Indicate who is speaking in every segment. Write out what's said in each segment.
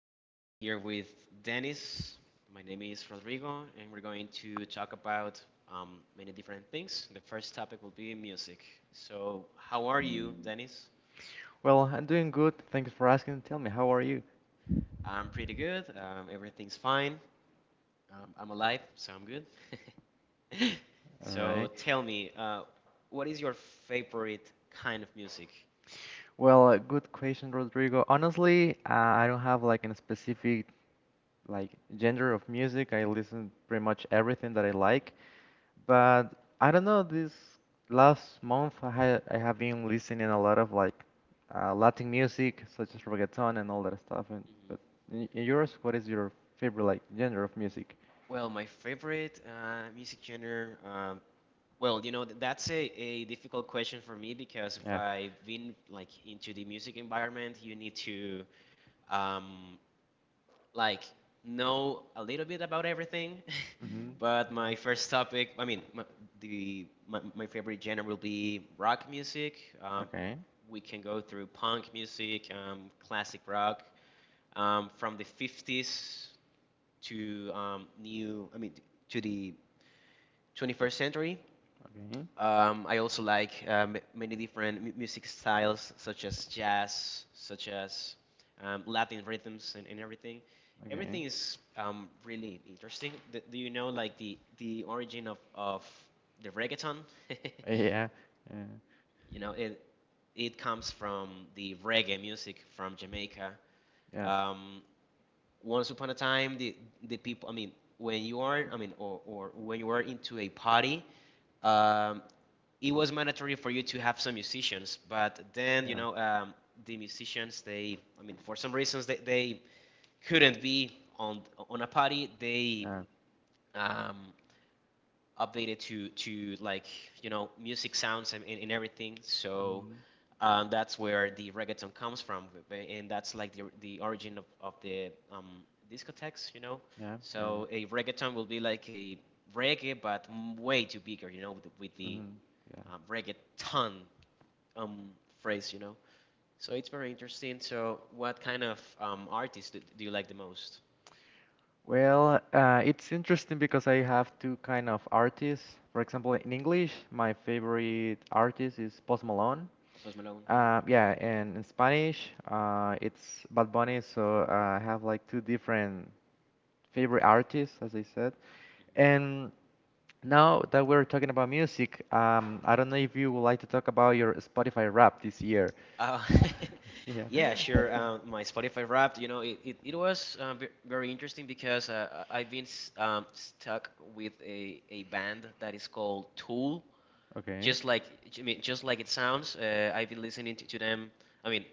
Speaker 1: I'm here with Dennis. My name is Rodrigo, and we're going to talk about many different things. The first topic will be music. So, how are you, Dennis?
Speaker 2: Well, I'm doing good. Thanks for asking. Tell me, how are you?
Speaker 1: I'm pretty good. Everything's fine. I'm alive, so I'm good.
Speaker 2: All
Speaker 1: so,
Speaker 2: right.
Speaker 1: tell me, uh, what is your favorite kind of music?
Speaker 2: Well, good question, Rodrigo. Honestly, I don't have like a specific like genre of music. I listen pretty much everything that I
Speaker 1: Mhm.
Speaker 2: like, but I don't know, this last month I have been listening a lot of like Latin music, such as reggaeton and all that stuff. And but in yours, what is your favorite like genre of music?
Speaker 1: Well, my favorite music genre, well, you know, that's a difficult question for me because if
Speaker 2: Yeah.
Speaker 1: I've been like into the music environment, you need to um, like know a little bit about everything.
Speaker 2: Mm-hmm.
Speaker 1: But my first topic, I mean, my favorite genre will be rock music. Um,
Speaker 2: Okay.
Speaker 1: we can go through punk music, classic rock, from the 50s to to the 21st century.
Speaker 2: Okay.
Speaker 1: I also like many different music styles, such as jazz, such as Latin rhythms, and everything.
Speaker 2: Okay.
Speaker 1: Everything is really interesting. Do you know like the origin of the reggaeton?
Speaker 2: Yeah. Yeah.
Speaker 1: You know, it comes from the reggae music from Jamaica.
Speaker 2: Yeah,
Speaker 1: Um, Once upon a time, the people. I mean, when you are, I mean, or when you are into a party, um, it was mandatory for you to have some musicians, but then
Speaker 2: yeah,
Speaker 1: the musicians, they I mean for some reasons, they couldn't be on on a party. They
Speaker 2: yeah.
Speaker 1: um, updated to like music sounds, and everything. So
Speaker 2: Mhm.
Speaker 1: that's where the reggaeton comes from, and that's like the origin of the discotheques. You know,
Speaker 2: Yeah, yeah, yeah.
Speaker 1: so a reggaeton will be like a reggae but way too bigger. You know, with the
Speaker 2: Mhm, yeah.
Speaker 1: reggaeton um, phrase, So it's very interesting. So what kind of artist do you like the most?
Speaker 2: Well, it's interesting because I have two kind of artists. For example, in English, my favorite artist is Post Malone.
Speaker 1: Post Malone. Mhm.
Speaker 2: Yeah, and in Spanish, it's Bad Bunny. So I have like two different favorite artists, as I said. And now that we're talking about music, I don't know if you would like to talk about your Spotify rap this year.
Speaker 1: Uh,
Speaker 2: Yeah.
Speaker 1: yeah, sure. My Spotify Wrapped, it was very interesting because I've been stuck with a band that is called Tool.
Speaker 2: Okay.
Speaker 1: Just like, I mean, just like it sounds, I've been listening to them. I mean,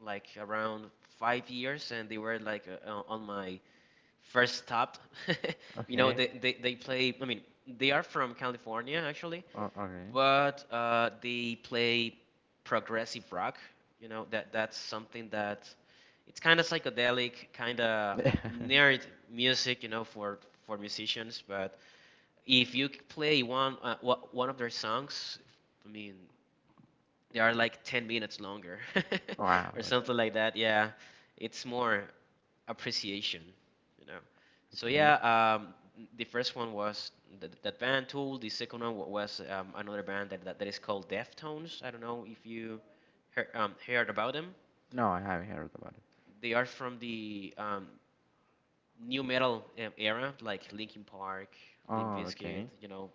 Speaker 1: like around 5 years, and they were like on my first stopped. You know,
Speaker 2: Okay.
Speaker 1: they play, I mean, they are from California actually,
Speaker 2: Okay.
Speaker 1: but they play progressive rock. You know, that's something that it's kind of psychedelic, kind of nerd music, you know, for musicians. But if you play one of their songs, I mean, they are like 10 minutes longer
Speaker 2: Wow.
Speaker 1: or something like that. Yeah, it's more appreciation, you know. So
Speaker 2: Okay.
Speaker 1: yeah, the first one was that band Tool. The second one was another band that is called Deftones. I don't know if you heard, heard about them.
Speaker 2: No, I haven't heard about it.
Speaker 1: They are from the new metal era, like Linkin Park, Limp
Speaker 2: Oh,
Speaker 1: Bizkit,
Speaker 2: okay.
Speaker 1: you know,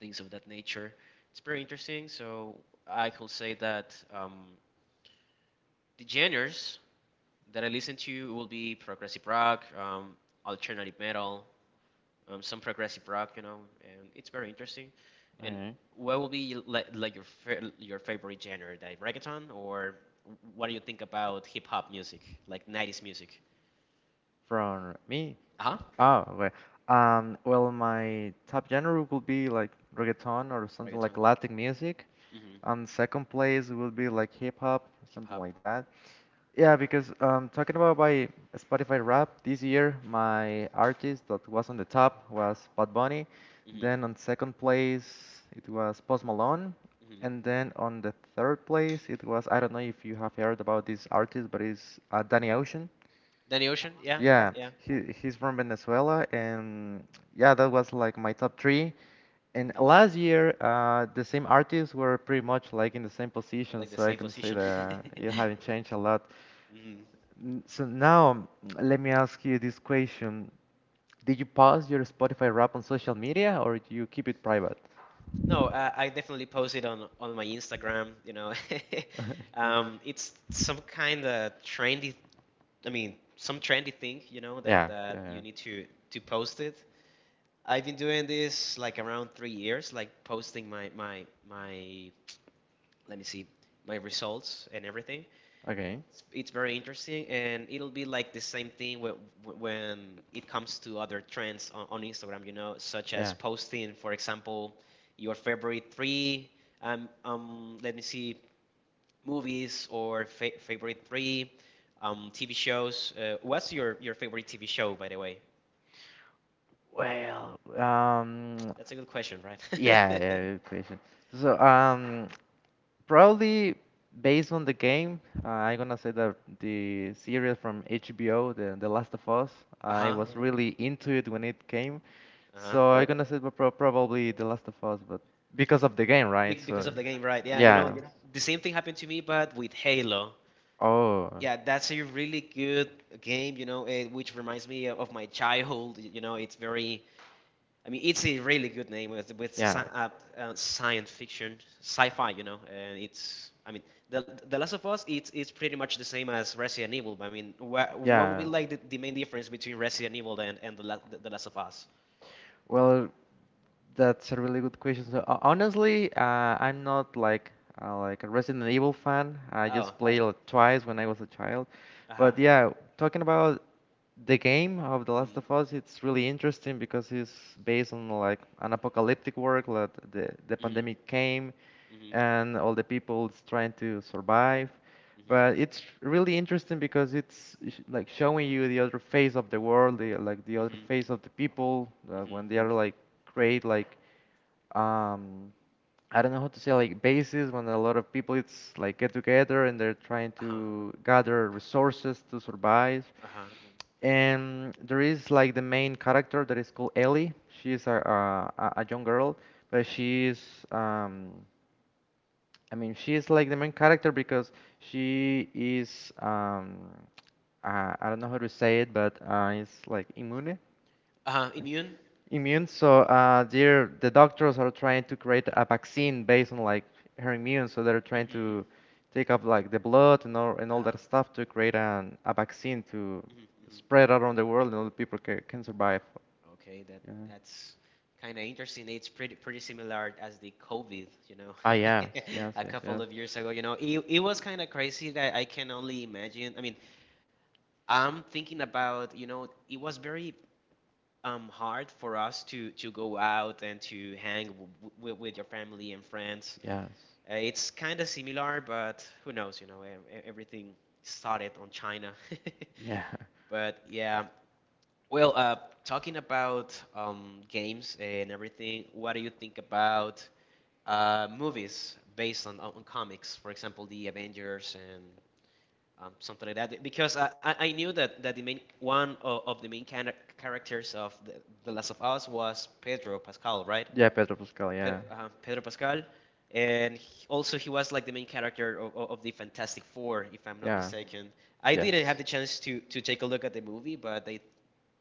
Speaker 1: things of that nature. It's very interesting. So I could say that the genres that I listen to will be progressive rock, alternative metal, some progressive rock, you know, and it's very interesting. And
Speaker 2: Okay.
Speaker 1: what will be like your your favorite genre, like reggaeton, or what do you think about hip hop music, like 90s music?
Speaker 2: From me,
Speaker 1: Uh huh.
Speaker 2: oh, okay. Well, my top genre would be like reggaeton or something like
Speaker 1: Reggaeton.
Speaker 2: Latin music.
Speaker 1: Hmm.
Speaker 2: And second place would be like hip hop,
Speaker 1: Hip
Speaker 2: something
Speaker 1: hop.
Speaker 2: like that. Yeah, because talking about my Spotify rap this year, my artist that was on the top was Bad Bunny. Then
Speaker 1: Hmm.
Speaker 2: on second place, it was Post Malone. And
Speaker 1: Hmm.
Speaker 2: then on the third place, it was, I don't know if you have heard about this artist, but it's Danny Ocean.
Speaker 1: Danny Ocean. Yeah.
Speaker 2: Yeah,
Speaker 1: Yeah.
Speaker 2: he's from Venezuela, and yeah, that was like my top three. And
Speaker 1: Hmm.
Speaker 2: last year, the same artists were pretty much like in the same position,
Speaker 1: Like the
Speaker 2: so I
Speaker 1: same
Speaker 2: can say
Speaker 1: position.
Speaker 2: that it haven't changed a lot.
Speaker 1: Hmm.
Speaker 2: So now, let me ask you this question: Did you post your Spotify rap on social media, or do you keep it private?
Speaker 1: No, I definitely post it on my Instagram. You know, it's some kind of trendy. I mean, some trendy thing. You know that
Speaker 2: Yeah,
Speaker 1: that
Speaker 2: yeah, yeah.
Speaker 1: you need to post it. I've been doing this like around 3 years, like posting my. Let me see my results and everything.
Speaker 2: Okay.
Speaker 1: It's very interesting, and it'll be like the same thing when it comes to other trends on Instagram, you know, such as
Speaker 2: Yeah.
Speaker 1: posting, for example, your favorite three, let me
Speaker 2: um,
Speaker 1: see, movies or fa favorite three, TV shows. What's your favorite TV show, by the way?
Speaker 2: Well,
Speaker 1: That's a good question, right?
Speaker 2: yeah, yeah, good question. So, probably based on the game, I'm gonna say that the series from HBO, the Last of Us, I
Speaker 1: Uh-huh,
Speaker 2: was, okay, really into it when it came.
Speaker 1: uh-huh.
Speaker 2: So I'm gonna say probably The Last of Us, but because of the game, right? So,
Speaker 1: Because
Speaker 2: right?
Speaker 1: of the game, right? Yeah, you know,
Speaker 2: Yeah.
Speaker 1: the same thing happened to me, but with Halo.
Speaker 2: Oh.
Speaker 1: Yeah, that's a really good game, you know, eh, which reminds me of my childhood. You know, it's very, I mean, it's a really good name with
Speaker 2: Yeah.
Speaker 1: science fiction, sci-fi, you know, and it's, I mean, the Last of Us, it's pretty much the same as Resident Evil. But I mean, what would be
Speaker 2: Yeah.
Speaker 1: like the main difference between Resident Evil and the Last of Us?
Speaker 2: Well, that's a really good question. So, honestly, I'm not like like a Resident Evil fan. I
Speaker 1: Oh,
Speaker 2: just played it twice when I was a child.
Speaker 1: uh-huh.
Speaker 2: But yeah, talking about the game of The Last of
Speaker 1: Mm-hmm.
Speaker 2: Us, it's really interesting because it's based on like an apocalyptic world that the
Speaker 1: Mm-hmm.
Speaker 2: pandemic came and all the people is trying to survive.
Speaker 1: Mm-hmm.
Speaker 2: But it's really interesting because it's like showing you the other face of the world, like the
Speaker 1: Mm-hmm.
Speaker 2: other
Speaker 1: Mm-hmm.
Speaker 2: face of the people when they
Speaker 1: Mm-hmm.
Speaker 2: are like create like um, I don't know how to say like bases when a lot of people it's like get together and they're trying
Speaker 1: Uh-huh.
Speaker 2: to gather resources to survive. Mhm.
Speaker 1: Uh-huh.
Speaker 2: And there is like the main character that is called Ellie. She is a young girl, but she is um, I mean she is like the main character because she is I don't know how to say it, but it's like immune
Speaker 1: Uh-huh. Immune?
Speaker 2: immune. So the doctors are trying to create a vaccine based on like her immune. So they're trying
Speaker 1: Mm-hmm.
Speaker 2: to take up like the blood and all
Speaker 1: Uh-huh.
Speaker 2: that
Speaker 1: Mm-hmm.
Speaker 2: stuff to create a vaccine to
Speaker 1: Mm-hmm.
Speaker 2: spread around the world and all the people can survive.
Speaker 1: Okay,
Speaker 2: Yeah.
Speaker 1: that's kind of interesting. It's pretty pretty similar as the COVID, you know,
Speaker 2: Ah, yes, yes,
Speaker 1: a
Speaker 2: yes,
Speaker 1: couple
Speaker 2: yes.
Speaker 1: of years ago. You know, it was kind of crazy that I can only imagine. I mean, I'm thinking about, you know, it was very hard for us to go out and to hang w w with your family and friends.
Speaker 2: Yes.
Speaker 1: It's kind of similar, but who knows? You know, everything started on China.
Speaker 2: Yeah.
Speaker 1: But yeah, well, talking about games and everything, what do you think about movies based on comics? For example, the Avengers and something like that. Because I knew that the main one of the main characters of the Last of Us was Pedro Pascal, right?
Speaker 2: Yeah, Pedro Pascal, yeah.
Speaker 1: Pedro,
Speaker 2: Pedro,
Speaker 1: Pedro Pascal, and also he was like the main character of the Fantastic Four, if
Speaker 2: not.
Speaker 1: I'm not
Speaker 2: Yeah.
Speaker 1: mistaken. I
Speaker 2: Yes.
Speaker 1: didn't have the chance to take a look at the
Speaker 2: They.
Speaker 1: movie, but I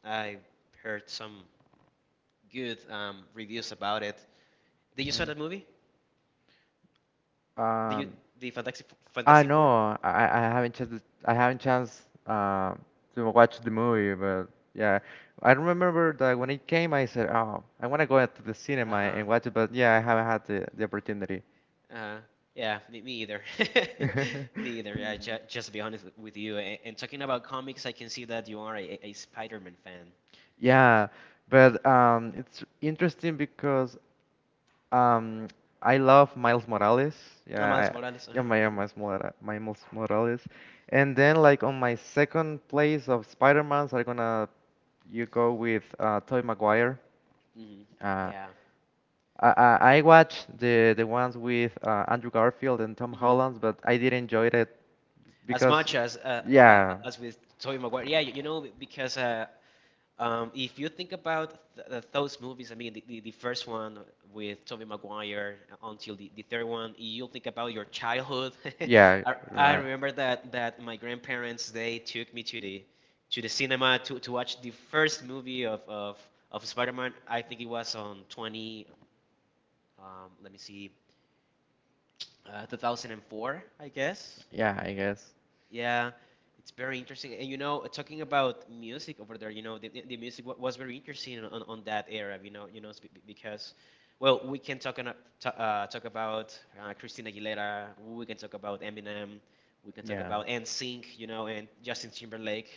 Speaker 1: I heard some good reviews about it. Did
Speaker 2: Yeah,
Speaker 1: you saw
Speaker 2: certainly.
Speaker 1: that movie? Did you
Speaker 2: Um,
Speaker 1: the Fantastic
Speaker 2: but I they know,
Speaker 1: Four?
Speaker 2: I haven't chance uh, to watch the movie, but yeah, I remember that when it came, I said, oh, I want to go out to the
Speaker 1: Uh
Speaker 2: cinema
Speaker 1: huh.
Speaker 2: and watch it, but yeah, I haven't had the opportunity.
Speaker 1: Uh yeah. Me, me either. Me either. Yeah. Just to be honest with you. And talking about comics, I can see that you are a Spider-Man fan.
Speaker 2: Yeah, but it's interesting because um, I love Miles Morales.
Speaker 1: No, Miles
Speaker 2: Yeah, I,
Speaker 1: Morales. Uh
Speaker 2: yeah,
Speaker 1: huh.
Speaker 2: my yeah, Miles Morales, Miles Morales. And then like on my second place of Spider-Man's, I'm gonna you go with Tobey Maguire.
Speaker 1: Hmm.
Speaker 2: Uh,
Speaker 1: Yeah.
Speaker 2: I watched the ones with Andrew Garfield and Tom
Speaker 1: Hmm.
Speaker 2: Holland, but I didn't enjoy it
Speaker 1: As
Speaker 2: because
Speaker 1: much
Speaker 2: yeah.
Speaker 1: as with Tobey Maguire. Yeah. You know because if you think about th th those movies, I mean, the first one with Tobey Maguire until the third one, you'll think about your childhood.
Speaker 2: Yeah,
Speaker 1: I
Speaker 2: right.
Speaker 1: remember that my grandparents, they took me to the cinema to watch the first movie of Spider-Man. I think it was on 20, um, let me see, uh, 2004, I guess.
Speaker 2: Yeah, I guess.
Speaker 1: Yeah, it's very interesting. And you know, talking about music over there, you know, the music was very interesting on that era, you know, because, well, we can talk, talk about Christina Aguilera, we can talk about Eminem, we can talk
Speaker 2: Yeah.
Speaker 1: about NSYNC, you know, and Justin Timberlake.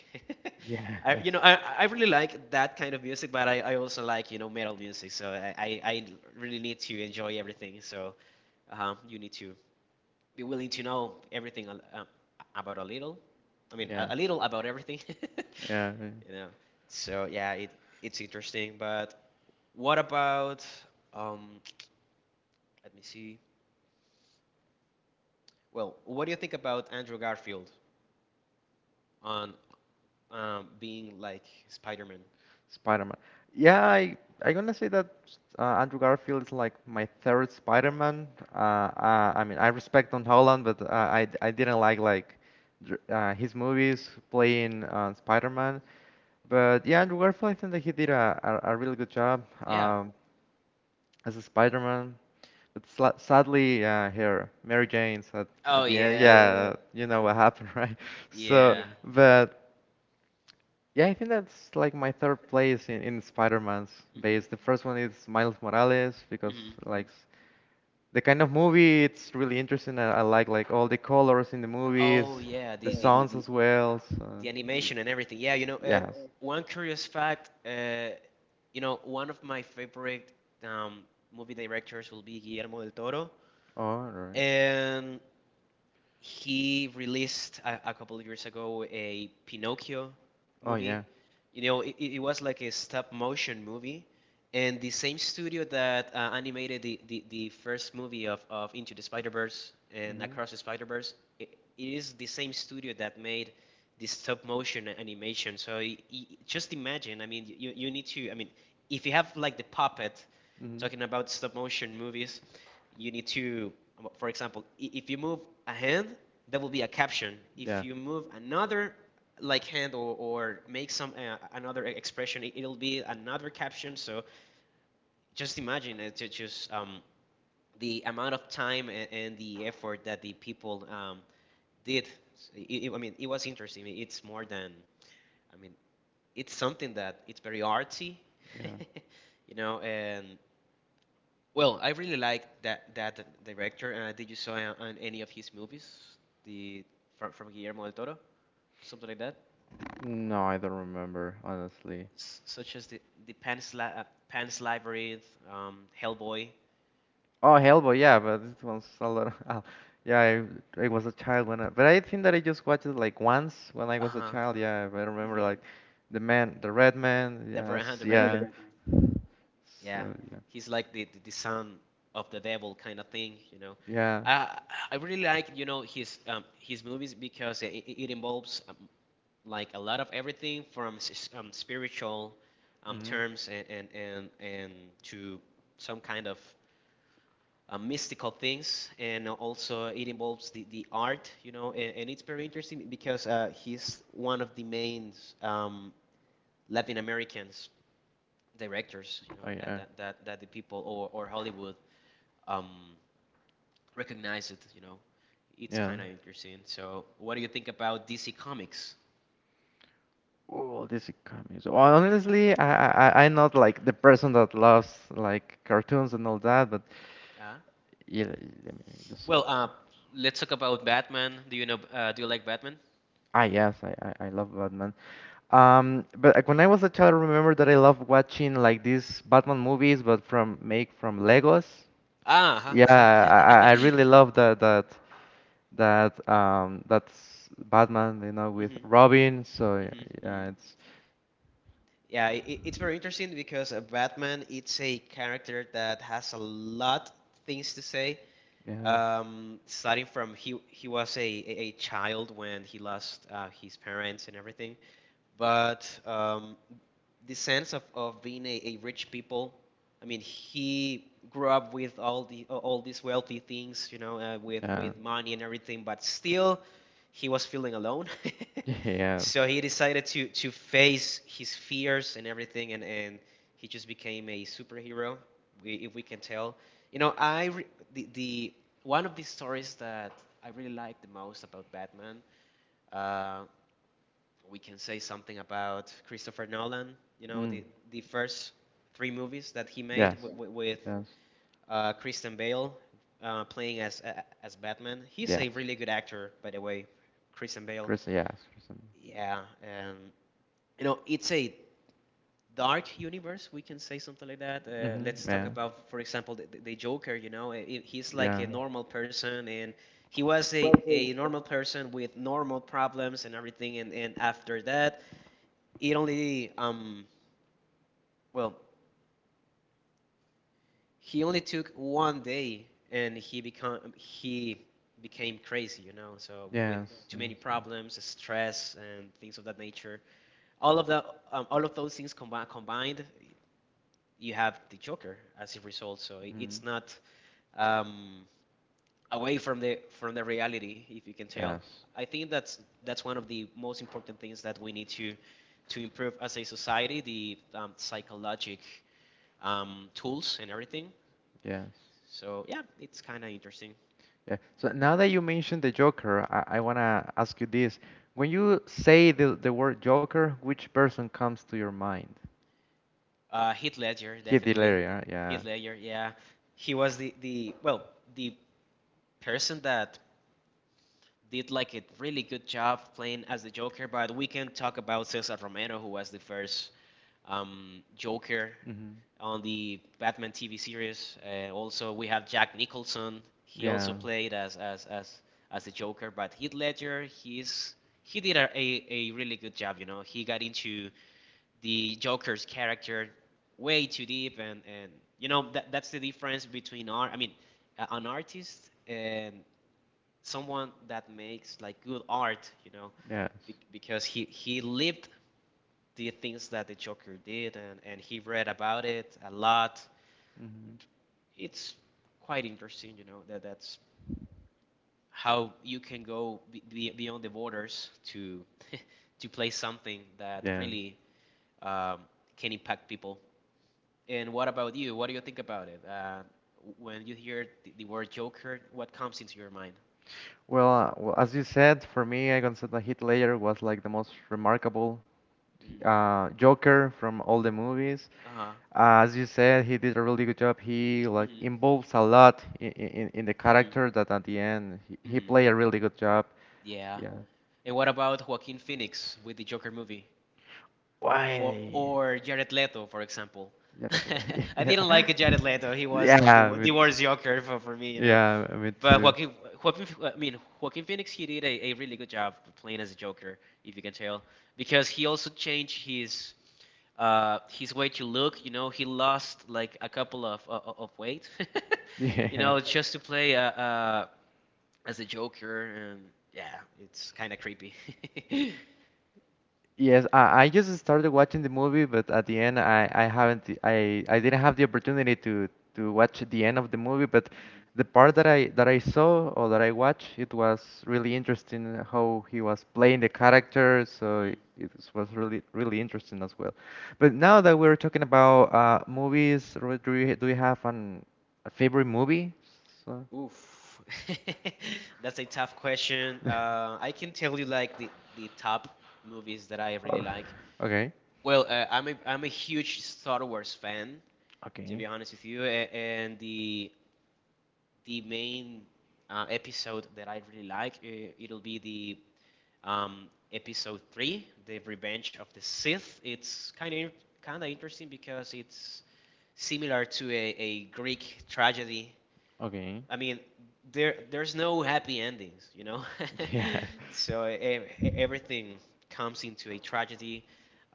Speaker 2: Yeah.
Speaker 1: I, you know, I really like that kind of music, but I also like, you know, metal music, so I really need to enjoy everything, so you need to be willing to know everything about a little. I mean,
Speaker 2: Yeah,
Speaker 1: a little about everything.
Speaker 2: yeah, yeah.
Speaker 1: You know. So yeah, it's interesting. But what about um? Let me see. Well, what do you think about Andrew Garfield on being like Spider-Man?
Speaker 2: Spider-Man. Yeah, I gonna say that Andrew Garfield is like my third Spider-Man. I mean, I respect Tom Holland, but I didn't like his movies playing Spider-Man. But
Speaker 1: Hmm.
Speaker 2: yeah, Andrew Garfield, I think that he did a really good job
Speaker 1: Yeah.
Speaker 2: as a Spider-Man. But sla sadly, here, Mary Jane's at,
Speaker 1: Oh
Speaker 2: at the end.
Speaker 1: yeah.
Speaker 2: Yeah, you know what happened, right? So,
Speaker 1: Yeah.
Speaker 2: but yeah, I think that's like my third place in Spider-Man's base.
Speaker 1: Hmm.
Speaker 2: The first one is Miles Morales because
Speaker 1: Hmm.
Speaker 2: like the kind of movie it's really interesting. I like all the colors in the movies,
Speaker 1: Oh yeah.
Speaker 2: the
Speaker 1: The
Speaker 2: songs as well. So,
Speaker 1: the animation and everything. Yeah, you know,
Speaker 2: yeah. Yes.
Speaker 1: one curious fact, you know, one of my favorite um, movie directors will be Guillermo del Toro,
Speaker 2: All right.
Speaker 1: and he released a couple of years ago a Pinocchio
Speaker 2: Oh
Speaker 1: movie.
Speaker 2: yeah.
Speaker 1: You know, it was like a stop motion movie, and the same studio that animated the first movie of Into the Spider Verse and
Speaker 2: Mhm.
Speaker 1: Across the Spider Verse, it is the same studio that made the stop motion animation. So y y just imagine. I mean, you need to. I mean, if you have like the puppet
Speaker 2: Mhm.
Speaker 1: talking about stop motion movies, you need to, well, for example, if you move a hand, there will be a caption.
Speaker 2: Yeah.
Speaker 1: If you move another like hand, or make some another expression, will be another caption. So just imagine it, ju- just the amount of time and the effort that the people did. I mean, it was interesting. It's more than, I mean, it's something that it's very artsy,
Speaker 2: Yeah.
Speaker 1: you know, and well, I really like that that director. Did you saw on any of his movies? The From Guillermo del Toro, something like that,
Speaker 2: No, I don't remember honestly.
Speaker 1: S such as the Pan's Labyrinth, Hellboy.
Speaker 2: Oh, Hellboy, yeah, but this one's a lot. Yeah, I was a child when I, but I think that I just watched it like once when I
Speaker 1: Uh
Speaker 2: was a
Speaker 1: huh.
Speaker 2: child. Yeah, but I remember
Speaker 1: Hmm.
Speaker 2: like the man, the red man.
Speaker 1: The,
Speaker 2: Yes, I
Speaker 1: the
Speaker 2: the
Speaker 1: Red
Speaker 2: yeah, red
Speaker 1: Man.
Speaker 2: man. So
Speaker 1: Yeah,
Speaker 2: yeah,
Speaker 1: he's like the, the son of the devil kind of thing, you know.
Speaker 2: yeah.
Speaker 1: Uh, I really like, his movies because it involves like a lot of everything from spiritual
Speaker 2: Mhm.
Speaker 1: terms and to some kind of mystical things, and also it involves the art, and it's very interesting because he's one of the main um, Latin Americans directors,
Speaker 2: Oh
Speaker 1: that
Speaker 2: yeah,
Speaker 1: that, that, that the people or Hollywood um, recognize it, you know. It's
Speaker 2: yeah.
Speaker 1: kind of interesting. So, what do you think about DC Comics?
Speaker 2: Oh, this comics. Well, honestly, I'm not like the person that loves like cartoons and all that, but
Speaker 1: Uh,
Speaker 2: yeah, let me just.
Speaker 1: well, uh, let's talk about Batman. Do you know? Do you like Batman?
Speaker 2: Ah, yes, I love Batman.
Speaker 1: Mhm.
Speaker 2: But like, when I was a child, I remember that I loved watching like these Batman movies, but from make from Legos.
Speaker 1: Ah, uh-huh,
Speaker 2: Yeah,
Speaker 1: uh-huh.
Speaker 2: I really love that that that um that's Batman, you know, with
Speaker 1: hmm
Speaker 2: Robin. So
Speaker 1: hmm hmm
Speaker 2: yeah, it's
Speaker 1: Yeah, it's very interesting because Batman it's a character that has a lot things to say.
Speaker 2: yeah.
Speaker 1: Starting from he was a child when he lost his parents and everything, but the sense of being a rich people. I mean, he grew up with all the all these wealthy things, you know,
Speaker 2: Yeah.
Speaker 1: with money and everything, but still he was feeling alone,
Speaker 2: Yes.
Speaker 1: so he decided to face his fears and everything, and he just became a superhero, we, if we can tell. You know i re- the, the one of the stories that I really like the most about Batman. uh, we can say something about Christopher Nolan. You know,
Speaker 2: Mm.
Speaker 1: the first three movies that he made
Speaker 2: Yes.
Speaker 1: with
Speaker 2: Yes.
Speaker 1: Kristen Bale playing as Batman. He's
Speaker 2: Yes.
Speaker 1: a really good actor, by the way, Christian Bale.
Speaker 2: Chris, yes. Chris.
Speaker 1: Yeah, you know, it's a dark universe. We can say something like that. Let's talk
Speaker 2: Mm-hmm.
Speaker 1: about, for example, the Joker. You know, I he's like
Speaker 2: Yeah.
Speaker 1: a
Speaker 2: Yeah.
Speaker 1: normal person. And he was a normal person with normal problems and everything, and after that, it only well he only took 1 day and he became crazy, you know,
Speaker 2: So
Speaker 1: so with
Speaker 2: yes,
Speaker 1: too
Speaker 2: yes,
Speaker 1: many
Speaker 2: yes.
Speaker 1: problems, stress, and things of that
Speaker 2: Like.
Speaker 1: nature. All of the um, all of those things combined, you have the Joker as a result. So it-
Speaker 2: Mm,
Speaker 1: it's not um, away from the reality, if you can tell.
Speaker 2: yes,
Speaker 1: I think that's one of the most important things that we need to improve as a society, the psychologic tools and everything.
Speaker 2: yes.
Speaker 1: So yeah, it's kind of interesting.
Speaker 2: Yeah. So now that you mentioned the Joker, I wanna ask you this. When you say the word Joker, which person comes to your mind? Heath
Speaker 1: Heath
Speaker 2: Ledger,
Speaker 1: Ledger,
Speaker 2: Heath, yeah. Heath
Speaker 1: definitely.
Speaker 2: Ledger,
Speaker 1: Heath
Speaker 2: yeah.
Speaker 1: Ledger, yeah. He was the, the person that did like a really good job playing as the Joker. But we can talk about Cesar Romero, who was the first Joker
Speaker 2: Hmm.
Speaker 1: on the Batman TV series. Also, we have Jack Nicholson. He also
Speaker 2: Yeah, so
Speaker 1: played as as the Joker. But Heath Ledger, he's he did a really good job. You know, he got into the Joker's character way too deep, and you know that that's the difference between art. I mean, an artist and someone that makes like good art, you know,
Speaker 2: yes, that.
Speaker 1: because he lived the things that the Joker did, and he read about it a lot.
Speaker 2: Mm-hmm.
Speaker 1: It's quite interesting, you know, that that's how you can go beyond the borders to to play something that
Speaker 2: Yes.
Speaker 1: really um, can impact people. And what about you? What do you think about it? When you hear the word Joker, what comes into your mind?
Speaker 2: Well, as you said, for me, I consider that Heath Ledger was like the most remarkable
Speaker 1: Mm.
Speaker 2: Joker from all the movies.
Speaker 1: Uh-huh.
Speaker 2: As you said, he did a really good job. He like
Speaker 1: hmm
Speaker 2: involves a lot in the character
Speaker 1: hmm
Speaker 2: that at the end he
Speaker 1: hmm
Speaker 2: played a really good job.
Speaker 1: Yeah.
Speaker 2: Yeah.
Speaker 1: And what about Joaquin Phoenix with the Joker movie?
Speaker 2: Why?
Speaker 1: Or Jared Leto, for example.
Speaker 2: Yeah.
Speaker 1: I didn't like Jared Leto. He was
Speaker 2: Yeah.
Speaker 1: like the,
Speaker 2: Yeah, me
Speaker 1: the
Speaker 2: too.
Speaker 1: worst Joker for me, you know.
Speaker 2: Yeah, me
Speaker 1: But
Speaker 2: too.
Speaker 1: Joaquin, Joaquin Phoenix, he did a really good job playing as a Joker, if you can tell, because he also changed his way to look. You know, he lost like a couple of weight,
Speaker 2: Yeah.
Speaker 1: just to play as a Joker, and yeah, it's kind of creepy.
Speaker 2: Yes, I just started watching the movie, but at the end, I didn't have the opportunity to watch the end of the movie. But the part that I saw or that I watched, it was really interesting how he was playing the character. So
Speaker 1: Mhm.
Speaker 2: it was really really interesting as well. But now that we're talking about movies, do you have an a favorite movie? So.
Speaker 1: Oof, that's a tough question. I can tell you like the top movies that I really
Speaker 2: Oh,
Speaker 1: like.
Speaker 2: okay.
Speaker 1: Well, I'm a huge Star Wars fan, to
Speaker 2: Okay.
Speaker 1: be honest with you, and the main episode that I really like, it'll be the episode three, the Revenge of the Sith. It's kind of interesting because it's similar to a Greek tragedy.
Speaker 2: Okay.
Speaker 1: I mean, there there's no happy endings, you know,
Speaker 2: Yeah.
Speaker 1: so
Speaker 2: The
Speaker 1: everything comes into a tragedy.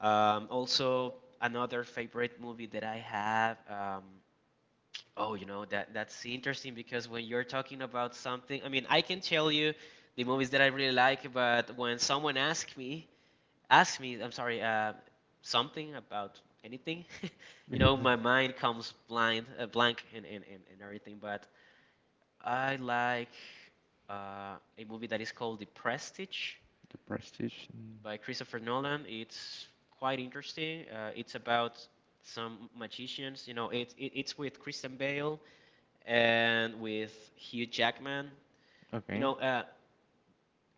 Speaker 1: Also, another favorite movie that I have. Oh, you know that that's interesting because when you're talking about something, I mean, I can tell you the movies that I really like, but when someone asks me, I'm sorry, something about anything, you know, my mind comes blank, and everything. But I like a movie that is called The Prestige
Speaker 2: prestige. Mm,
Speaker 1: by Christopher Nolan. It's quite interesting. It's about some magicians. You know, it's with Christian Bale and with Hugh Jackman. You
Speaker 2: okay.
Speaker 1: know,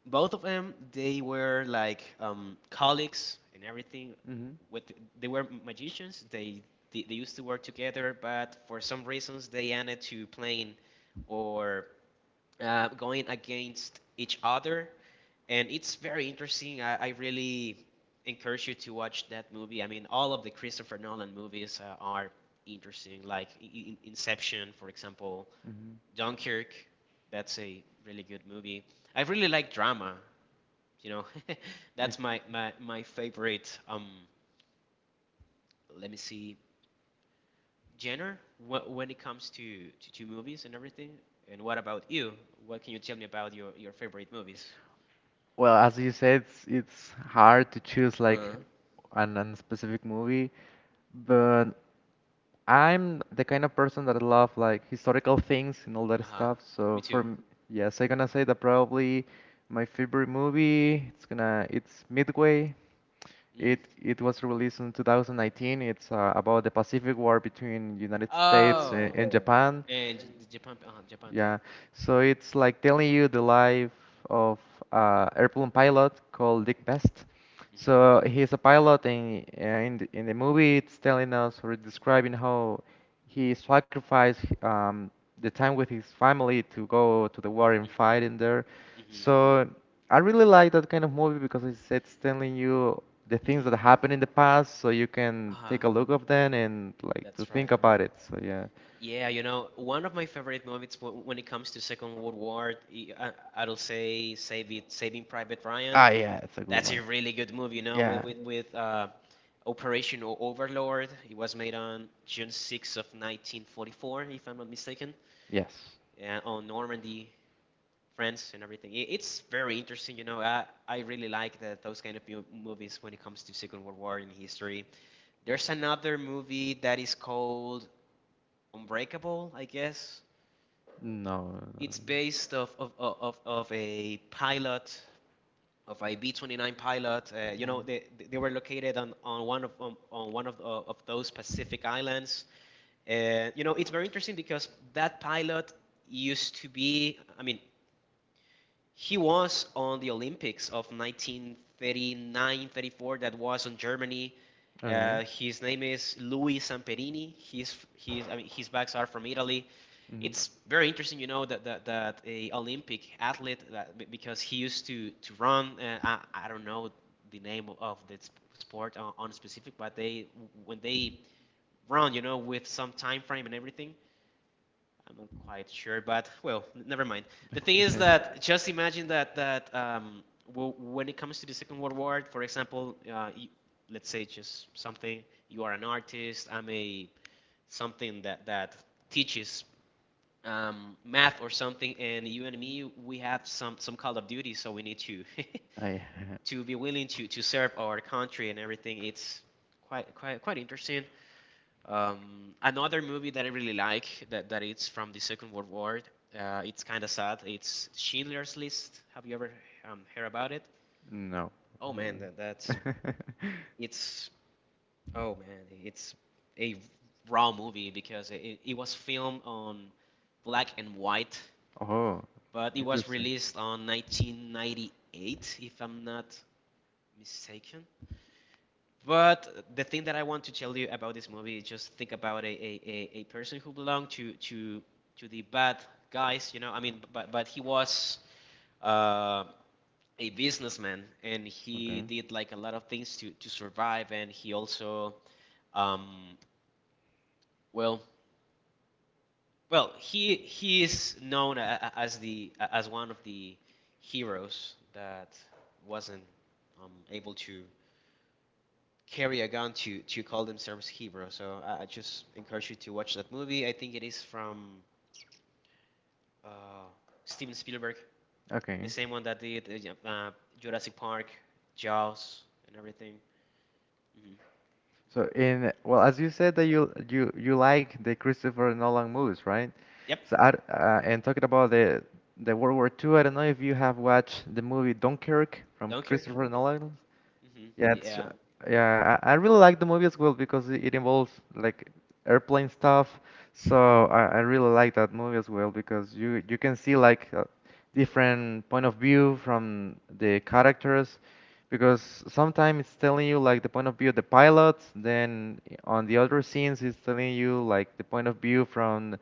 Speaker 1: both of them they were like colleagues and everything
Speaker 2: Mhm.
Speaker 1: with. They were magicians, they used to work together, but for some reasons they ended to playing or going against each other. And it's very interesting. I really encourage you to watch that movie. I mean, all of the Christopher Nolan movies, are interesting, like Inception, for example,
Speaker 2: Mhm.
Speaker 1: Dunkirk, that's a really good movie. I really like drama, you know,
Speaker 2: Like.
Speaker 1: that's my favorite. Let me see, genre, when it comes to, movies and everything. And what about you? What can you tell me about your favorite movies?
Speaker 2: Well, as you said, it's hard to choose like
Speaker 1: Uh
Speaker 2: an specific movie, but I'm the kind of person that love like historical things and all that
Speaker 1: huh.
Speaker 2: stuff.
Speaker 1: Me
Speaker 2: So for
Speaker 1: too.
Speaker 2: yes, I'm gonna say that probably my favorite movie. It's Midway.
Speaker 1: Mm.
Speaker 2: It was released in 2019. It's about the Pacific War between United States and,
Speaker 1: Oh.
Speaker 2: and Japan.
Speaker 1: And Japan, Japan, yeah.
Speaker 2: Yeah, so it's like telling you the life of airplane pilot called Dick Best. So
Speaker 1: hmm
Speaker 2: he's a pilot, and in the movie, it's telling us or describing how he sacrificed the time with his family to go to the war and fight in there.
Speaker 1: hmm hmm
Speaker 2: So I really like that kind of movie because it's telling you the things that
Speaker 1: hmm
Speaker 2: happened in the past, so you can
Speaker 1: huh,
Speaker 2: take a look of them and like to
Speaker 1: that's
Speaker 2: think
Speaker 1: right.
Speaker 2: about it. So yeah.
Speaker 1: Yeah, you know, one of my favorite movies w when it comes to Second World War, I, I- I'll say Saving Private Ryan.
Speaker 2: Ah, yeah, it's a good
Speaker 1: That's a
Speaker 2: one.
Speaker 1: really good movie, you know,
Speaker 2: Yeah.
Speaker 1: with Operation Overlord. It was made on June 6th of 1944, if I'm not mistaken,
Speaker 2: Yes.
Speaker 1: yeah, on Normandy, France, and everything. It, it's very interesting, you know. I really like that those kind of movies when it comes to Second World War and history. There's another movie that is called Unbreakable, I guess.
Speaker 2: No, no,
Speaker 1: It's based off of a pilot
Speaker 2: no.
Speaker 1: of IB-29 Pilot. You know,
Speaker 2: Mhm.
Speaker 1: they were located on one of, of those Pacific islands. You know, it's very interesting because that pilot used to be. I mean, he was on the Olympics of 1939, 34. That was on Germany.
Speaker 2: Okay. Mhm.
Speaker 1: His name is Louis Samperini. He's I mean his bags are from Italy. It's very interesting, you know, that that, that a Olympic athlete that because he used to run. I don't know the name of the sport on specific, but they when they run, you know, with some time frame and everything. I'm not quite sure, but well, never mind. The thing is that just imagine that that when it comes to the Second World War, for example, y let's say just something. You are an artist. I'm a something that that teaches math or something. And you and me, we have some Call of Duty, so we need to
Speaker 2: I ha-
Speaker 1: to be willing to serve our country and everything. It's quite interesting. Another movie that I really like that that it's from the Second World War. It's kind of sad. It's Schindler's List. Have you ever heard about it?
Speaker 2: no.
Speaker 1: Oh man, that, that's it's oh man, it's a raw movie because it was filmed on black and white,
Speaker 2: Oh,
Speaker 1: but it was
Speaker 2: interesting.
Speaker 1: released on 1998, if I'm not mistaken. But the thing that I want to tell you about this movie is just think about a person who belonged to the bad guys, you know, I mean, but he was uh, a businessman and he
Speaker 2: Okay.
Speaker 1: did like a lot of things to survive, and he also, um, well, well, he is known as the as one of the heroes that wasn't able to carry a gun to call themselves hero. So I just encourage you to watch that movie. I think it is from uh, Steven Spielberg, the
Speaker 2: Okay.
Speaker 1: same one that did Jurassic Park, Jaws, and everything. Hmm
Speaker 2: So in well, as you said that you like the Christopher Nolan movies, right?
Speaker 1: Yep.
Speaker 2: So I, d- and talking about the World War II, I don't know if you have watched the movie Dunkirk from
Speaker 1: Dunkirk.
Speaker 2: Christopher Nolan.
Speaker 1: Hmm
Speaker 2: Yeah, it's
Speaker 1: Yeah.
Speaker 2: yeah. I really like the movie as well because it involves like airplane stuff. So I really like that movie as well because you can see like a different point of view from the characters because sometimes it's telling you like the point of view of the pilots. Then on the other scenes, it's telling you like the point of view from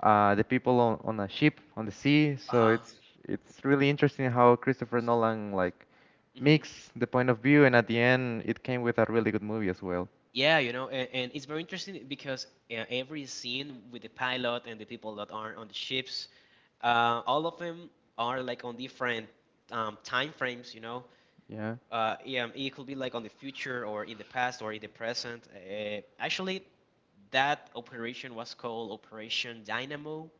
Speaker 2: the people on a ship on the sea.
Speaker 1: Uh
Speaker 2: So
Speaker 1: huh.
Speaker 2: it's really interesting how Christopher Nolan like
Speaker 1: hmm
Speaker 2: mix the point of view, and at the end, it came with a really good movie as well.
Speaker 1: Yeah, you know, and it's very interesting because every scene with the pilot and the people that are on the ships, all of them are like on different time frames, you know.
Speaker 2: Yeah.
Speaker 1: Yeah, it could be like on the future or in the past or in the present. Actually, that operation was called Operation Dynamo,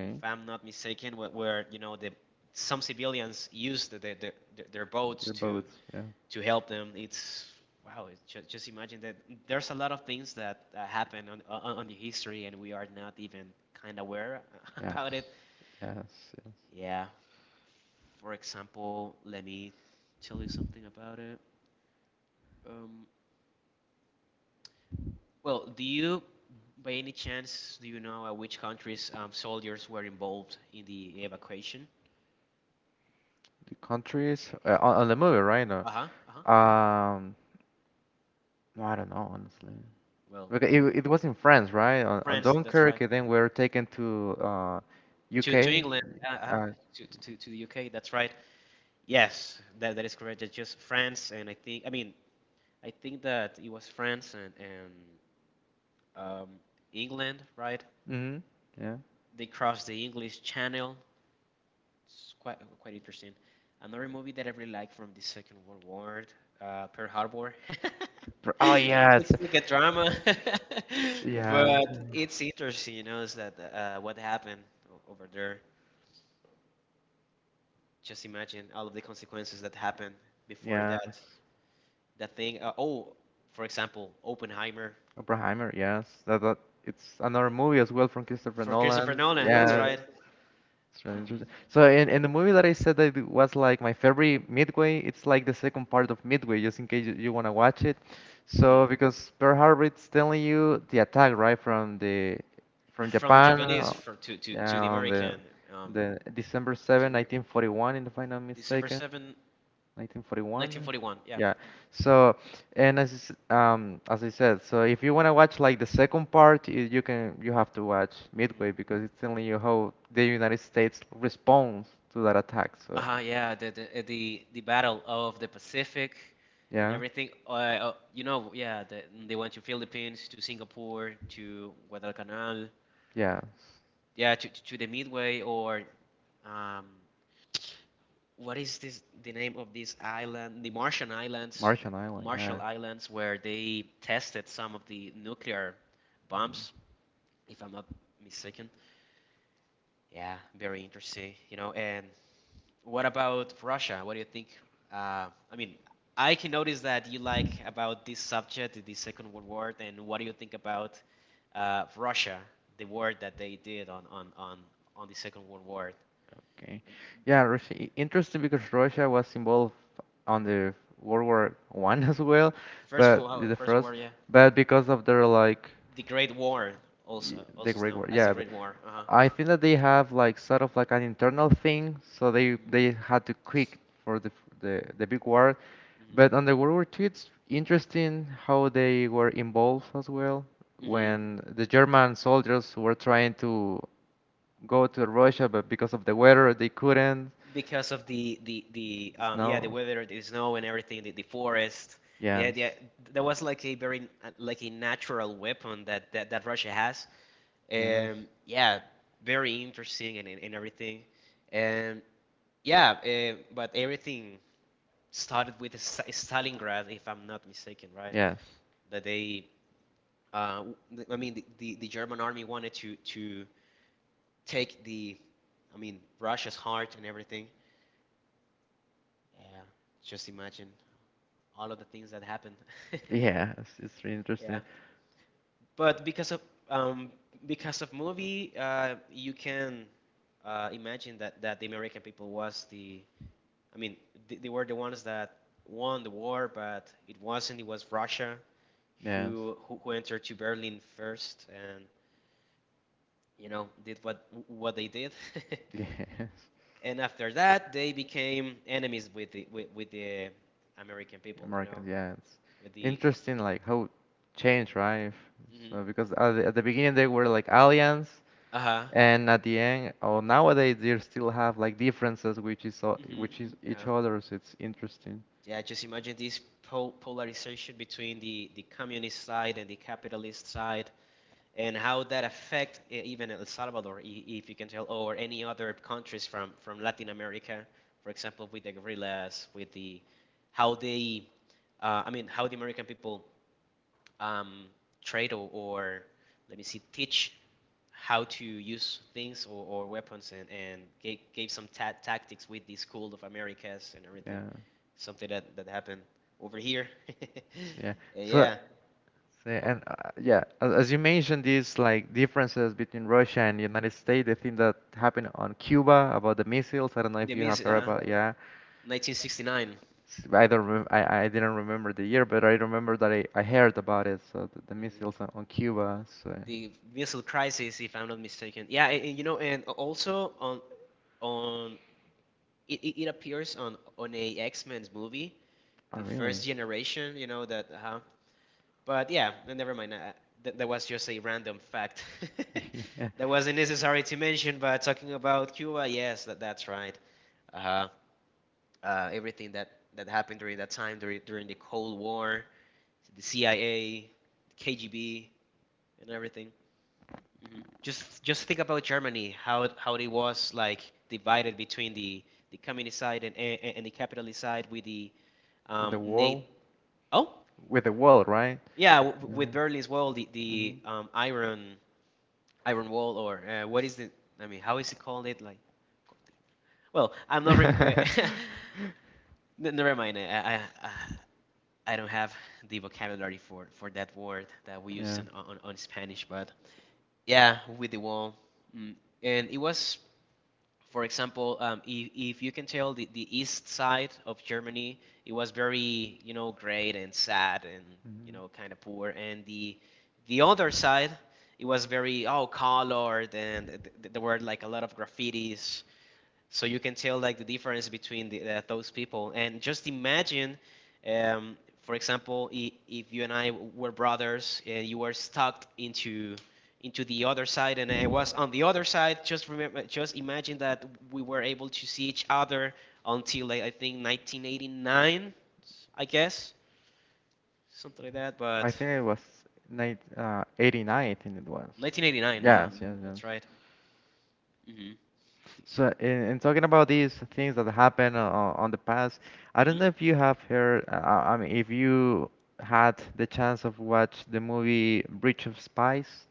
Speaker 1: if I'm not mistaken, where you know the some civilians used their boats
Speaker 2: The are
Speaker 1: to
Speaker 2: both. Yeah.
Speaker 1: help them. It's wow. It's just imagine that there's a lot of things that happen on on the history, and we are not even kind of aware about it.
Speaker 2: Yes, yes, yes.
Speaker 1: Yeah. For example, let me tell you something about it. Well, by any chance, do you know which countries soldiers were involved in the evacuation?
Speaker 2: The countries on the movie, right? No.
Speaker 1: Uh huh. Uh huh.
Speaker 2: Um, no, I don't know, honestly.
Speaker 1: Well,
Speaker 2: Because it was in France, right? On
Speaker 1: France. That's
Speaker 2: Dunkirk,
Speaker 1: right.
Speaker 2: and then we were taken to
Speaker 1: To
Speaker 2: UK.
Speaker 1: England. Uh huh.
Speaker 2: Uh,
Speaker 1: To the UK, that's right. Yes, that is correct. It's just France, and I think that it was France and, um, England, right?
Speaker 2: mm. Yeah.
Speaker 1: They crossed the English Channel. It's quite interesting. Another movie that I really like from the Second World War, Pearl Harbor.
Speaker 2: Oh yes.
Speaker 1: It's like a drama. But
Speaker 2: Yeah.
Speaker 1: it's interesting, you know, is that what happened over there. Just imagine all of the consequences that happened before
Speaker 2: Yes.
Speaker 1: that thing. Oh, for example, Oppenheimer
Speaker 2: Oppenheimer, yes. That it's another movie as well from Christopher
Speaker 1: for Christopher
Speaker 2: Nolan.
Speaker 1: Nolan. That's
Speaker 2: Yeah,
Speaker 1: right.
Speaker 2: it's really
Speaker 1: hmm
Speaker 2: interesting. So in the movie that I said that it was like my favorite Midway, it's like the second part of Midway, just in case you want to watch it. So because Pearl Harbor it's telling you the attack right from
Speaker 1: from the
Speaker 2: Japan,
Speaker 1: Japanese for,
Speaker 2: yeah, on the
Speaker 1: Um,
Speaker 2: the
Speaker 1: to
Speaker 2: December
Speaker 1: the American,
Speaker 2: 7, 1941, if I'm not mistaken.
Speaker 1: December 7,
Speaker 2: 1941.
Speaker 1: 1941. Yeah.
Speaker 2: Yeah. So, and as I said, so if you want to watch like the second part, you can you have to watch midway
Speaker 1: hmm
Speaker 2: because it's telling you how the United States responds to that attack. So,
Speaker 1: Uh-huh, yeah, the Battle of the Pacific and
Speaker 2: yeah.
Speaker 1: everything. You know, yeah, the, they went to Philippines, to Singapore, to Guadalcanal,
Speaker 2: Yeah.
Speaker 1: yeah, to the Midway or um, what is this? The name of this island, the Martian Islands,
Speaker 2: Martian Island. Yeah.
Speaker 1: Marshall Islands, where they tested some of the nuclear bombs if I'm not mistaken. Yeah, very interesting. You know, and what about Russia? What do you think? I mean, I can notice that you like about this subject, the Second World War, and what do you think about Russia, the war that they did on on the Second World War?
Speaker 2: Okay. Yeah, Russia, interesting because Russia was involved on the World War I as well, but the
Speaker 1: First
Speaker 2: first,
Speaker 1: war, yeah,
Speaker 2: but because of their like
Speaker 1: the Great War,
Speaker 2: The
Speaker 1: also
Speaker 2: Great War,
Speaker 1: known as the
Speaker 2: yeah. But
Speaker 1: Great War. Uh huh.
Speaker 2: I think that they have like sort of like an internal thing, so they had to quit for the the big war. But on the World War II, it's interesting how they were involved as well
Speaker 1: hmm hmm
Speaker 2: when the German soldiers were trying to go to Russia, but because of the weather, they couldn't.
Speaker 1: because of the
Speaker 2: The
Speaker 1: yeah the
Speaker 2: snow.
Speaker 1: weather, the snow and everything, the forest.
Speaker 2: Yes.
Speaker 1: Yeah, that was like a very like a natural weapon that that Russia has.
Speaker 2: Yes.
Speaker 1: Yeah, very interesting and everything. And yeah, but everything started with Stalingrad, if I'm not mistaken, right?
Speaker 2: Yes.
Speaker 1: That they, uh, I mean, the German army wanted to take the, I mean, Russia's heart and everything. Yeah, just imagine all of the things that happened.
Speaker 2: Yes, it's really
Speaker 1: Yeah,
Speaker 2: interesting.
Speaker 1: but um, because of movie, you can imagine that the American people was the. I mean, they were the ones that won the war, but it wasn't. It was Russia
Speaker 2: Yes,
Speaker 1: who entered to Berlin first, and you know did what they did.
Speaker 2: yes,
Speaker 1: And after that, they became enemies with the with the American people. You know,
Speaker 2: Americans. Yes,
Speaker 1: with the.
Speaker 2: interesting. Like how change, right? So
Speaker 1: hmm
Speaker 2: because at the beginning they were like aliens,
Speaker 1: Uh huh.
Speaker 2: and at the end, or nowadays they still have like differences, which is o-
Speaker 1: hmm
Speaker 2: which is
Speaker 1: Uh
Speaker 2: each
Speaker 1: huh.
Speaker 2: other's. It's interesting.
Speaker 1: Yeah, just imagine this polarization between the communist side and the capitalist side, and how that affect even El Salvador, if you can tell, or any other countries from Latin America, for example, with the guerrillas, with the how they, I mean, how the American people um, trade or let me see, teach how to use things or weapons and, gave, gave some tactics with the school of americas and everything
Speaker 2: Yeah,
Speaker 1: something that happened over here.
Speaker 2: yeah.
Speaker 1: And
Speaker 2: So,
Speaker 1: yeah,
Speaker 2: so
Speaker 1: oh,
Speaker 2: and yeah, as you mentioned, these like differences between Russia and United States. The thing that happened on Cuba about the missiles. I don't know if
Speaker 1: the
Speaker 2: you have
Speaker 1: missile
Speaker 2: heard about. Yeah.
Speaker 1: 1969.
Speaker 2: I don't remember. I didn't remember the year, but I remember that I heard about it. So the
Speaker 1: mhm.
Speaker 2: missiles on Cuba. So,
Speaker 1: The missile crisis if I'm not mistaken, yeah, and you know and also on it, it appears on a x-men's movie,
Speaker 2: oh
Speaker 1: the
Speaker 2: really?
Speaker 1: first generation, you know that but yeah, never mind. That was just a random fact.
Speaker 2: Yeah.
Speaker 1: That wasn't necessary to mention. But talking about Cuba, yes, that's right. Uh-huh. Everything that happened during that time, during the Cold War, the CIA, KGB, and everything. Mhm. Just think about Germany, how it was like divided between the communist side and and the capitalist side with the
Speaker 2: The
Speaker 1: Nate.
Speaker 2: wall
Speaker 1: Oh,
Speaker 2: With the wall, right?
Speaker 1: yeah,
Speaker 2: Yeah.
Speaker 1: with Berlin as well, the
Speaker 2: Mhm.
Speaker 1: iron Iron Wall or what is it? I mean, how is it called? It like, well, I'm not. Never mind. I don't have the vocabulary for that word that we use
Speaker 2: Yeah.
Speaker 1: on Spanish, but yeah, with the wall, mm. And it was for example, if you can tell the east side of Germany, it was very, you know, great and sad and, you
Speaker 2: Mhm.
Speaker 1: know, kind of poor. And the other side, it was very, oh, colored and there were like a lot of graffitis so you can tell like the difference between those people and just imagine um, for example, if you and I were brothers and you were stuck into the other side and I was on the other side. Just remember, just imagine that we were able to see each other until like, I think 1989, I guess, something like that, but
Speaker 2: I think it was night 89, I think it was.
Speaker 1: 1989, uh-huh,
Speaker 2: Yes, yes, yes.
Speaker 1: that's right. hmm
Speaker 2: So, in talking about these things that happened on the past, I don't know if you have heard, I mean, if you had the chance of watch the movie Bridge of Spies.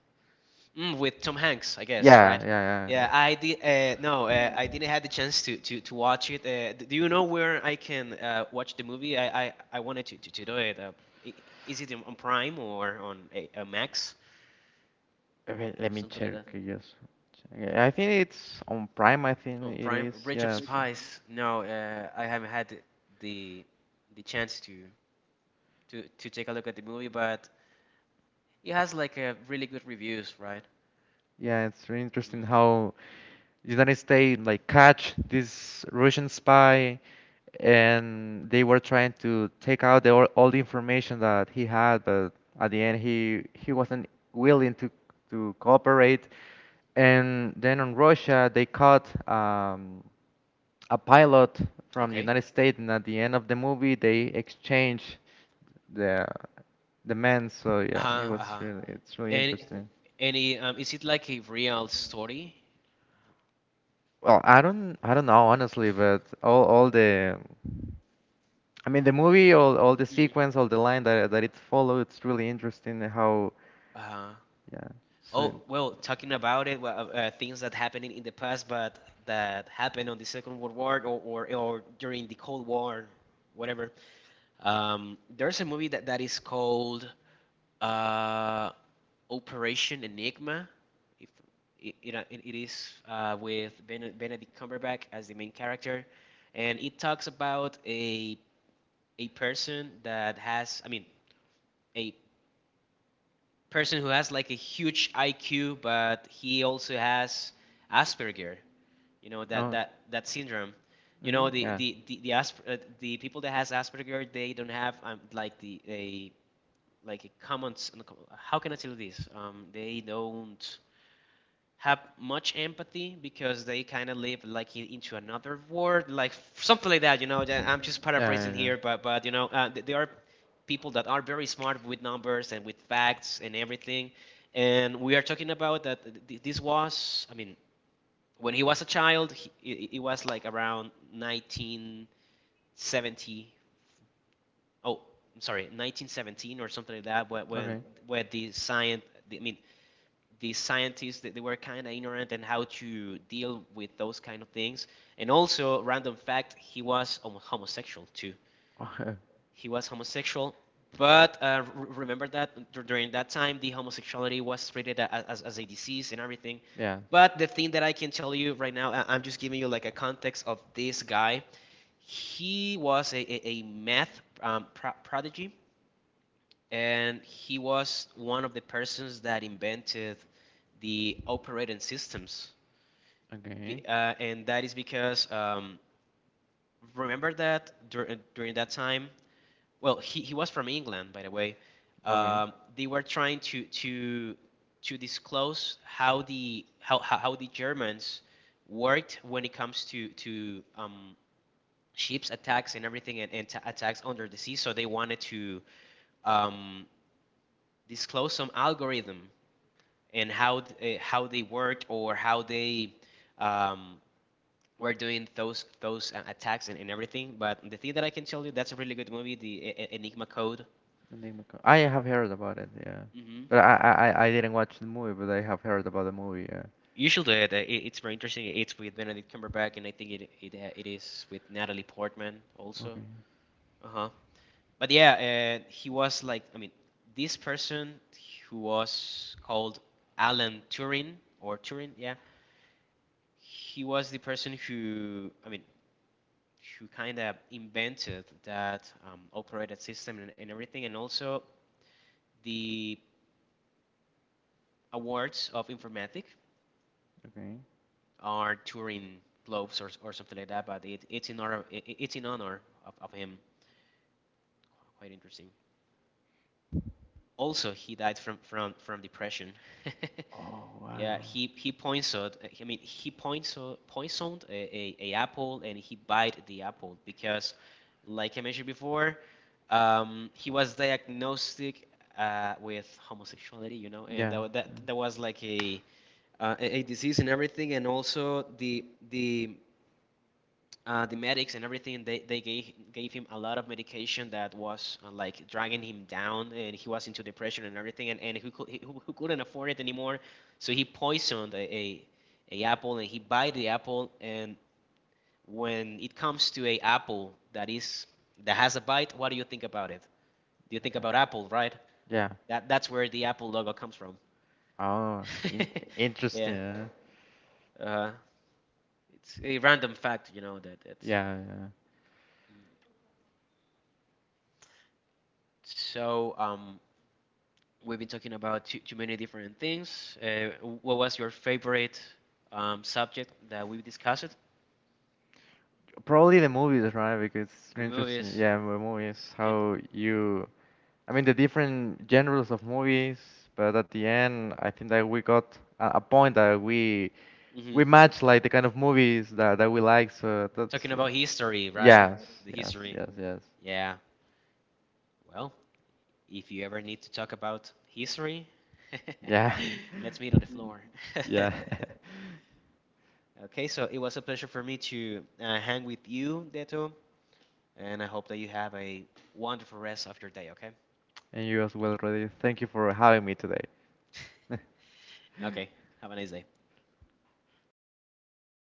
Speaker 1: Mm, with Tom Hanks, I guess, yeah,
Speaker 2: Yeah,
Speaker 1: right?
Speaker 2: yeah,
Speaker 1: Yeah, I did. No, I didn't have the chance to watch it. Do you know where I can watch the movie? I wanted to, to do it. I- is it on Prime or on a Max
Speaker 2: yeah. Wait, let
Speaker 1: or
Speaker 2: me
Speaker 1: something like
Speaker 2: check.
Speaker 1: that?
Speaker 2: Yes, check. I think it's on Prime. I
Speaker 1: On
Speaker 2: think it
Speaker 1: Prime,
Speaker 2: is.
Speaker 1: Bridge of
Speaker 2: Yes.
Speaker 1: Spies. No, I haven't had the the the chance to take a look at the movie, but it has like a really good reviews, right?
Speaker 2: Yeah, it's really interesting
Speaker 1: hmm
Speaker 2: how United States like catch this Russian spy, and they were trying to take out all the information that he had, but at the end he wasn't willing to cooperate. And then on Russia, they caught a pilot from the
Speaker 1: Okay.
Speaker 2: United States, and at the end of the movie, they exchanged the the man. So
Speaker 1: Uh
Speaker 2: yeah,
Speaker 1: huh. Uh huh.
Speaker 2: it's really
Speaker 1: And
Speaker 2: interesting.
Speaker 1: any is it like a real story?
Speaker 2: Well, I don't know honestly, but all the I mean the movie, all the
Speaker 1: Mm.
Speaker 2: sequence, all the line that it follow, it's really interesting how
Speaker 1: Uh,
Speaker 2: yeah. So
Speaker 1: oh, well, talking about it, well, things that happened in the past, but that happened on the Second World War or during the Cold War, whatever. There's a movie that is called uh, Operation Enigma. If it is with Benedict Cumberbatch as the main character, and it talks about a person that has, I mean, a person who has like a huge IQ, but he also has Asperger. You know
Speaker 2: oh.
Speaker 1: that syndrome. You know
Speaker 2: Mhm. Yeah.
Speaker 1: the people that has Asperger, they don't have like the a like a common. How can I tell this? They don't have much empathy because they kind of live like into another world, like something like that. You know, I'm just
Speaker 2: Yeah,
Speaker 1: paraphrasing
Speaker 2: yeah,
Speaker 1: here, but you know, there are people that are very smart with numbers and with facts and everything. And we are talking about that this was, I mean, when he was a child, he, it, was like around 1970. Oh, I'm sorry, 1917 or something like that.
Speaker 2: yeah.
Speaker 1: When,
Speaker 2: Okay.
Speaker 1: when the science, I mean, the scientists they, were kind of ignorant in how to deal with those kind of things. And also, random fact, he was homosexual too. He was homosexual, but remember that during that time, the homosexuality was treated as a disease and everything.
Speaker 2: Yeah.
Speaker 1: But the thing that I can tell you right now, I'm just giving you like a context of this guy. He was a math prodigy and he was one of the persons that invented the operating systems.
Speaker 2: Okay.
Speaker 1: And that is because remember that during that time, well, he was from England, by the way.
Speaker 2: Okay.
Speaker 1: They were trying to disclose how the how the Germans worked when it comes to ships attacks and everything and attacks under the sea. So they wanted to um, disclose some algorithm and how they worked or how they um, were doing those attacks and everything. But the thing that I can tell you, that's a really good movie, the Enigma Code.
Speaker 2: And I have heard about it, yeah.
Speaker 1: hmm
Speaker 2: But I didn't watch the movie, but I have heard about the movie, yeah.
Speaker 1: You should do it. It's very interesting. It's with Benedict Cumberbatch, and I think it is with Natalie Portman also.
Speaker 2: Okay.
Speaker 1: Uh huh. But yeah, he was like, I mean, this person who was called Alan Turing or Turing, yeah, he was the person who, I mean who kind of invented that operated system and everything. And also, the awards of Informatic
Speaker 2: Okay.
Speaker 1: are Turing Globes or something like that, but it's in honor, it's in honor of him. Quite interesting. Also, he died from depression.
Speaker 2: Oh,
Speaker 1: Yeah,
Speaker 2: wow.
Speaker 1: he points poisoned. I mean, he points poisoned a apple and he bite the apple because, like I mentioned before, he was diagnosed with homosexuality, you know, and
Speaker 2: Yeah.
Speaker 1: that that was like a, a disease and everything, and also the medics and everything they, gave, gave him a lot of medication that was like dragging him down and he was into depression and everything and who couldn't afford it anymore, so he poisoned a apple and he bite the apple. And when it comes to a apple that is that has a bite, what do you think about it? Do you think about apple, right?
Speaker 2: Yeah. Yeah.
Speaker 1: That that's where the apple logo comes from.
Speaker 2: Oh, in interesting.
Speaker 1: Yeah.
Speaker 2: Yeah.
Speaker 1: uh, it's a random fact, you know, that it's
Speaker 2: Yeah. Yeah.
Speaker 1: so we've been talking about too many different things. What was your favorite subject that we discussed?
Speaker 2: Probably the movies, right? Because it's
Speaker 1: The
Speaker 2: interesting.
Speaker 1: movies
Speaker 2: Yeah, the movies,
Speaker 1: and
Speaker 2: how you I mean, the different genres of movies, but at the end, I think that we got a point that we
Speaker 1: mhm.
Speaker 2: match like the kind of movies that we like. So that's
Speaker 1: Talking about history, right?
Speaker 2: Yes,
Speaker 1: The
Speaker 2: yes,
Speaker 1: history.
Speaker 2: yes, yes,
Speaker 1: Yeah. Well, if you ever need to talk about history,
Speaker 2: yeah,
Speaker 1: let's meet on the floor.
Speaker 2: yeah.
Speaker 1: Okay, so it was a pleasure for me to hang with you, Deto, and I hope that you have a wonderful rest of your day, okay?
Speaker 2: And you as well, Rudy. Thank you for having me today.
Speaker 1: Okay, have a nice day.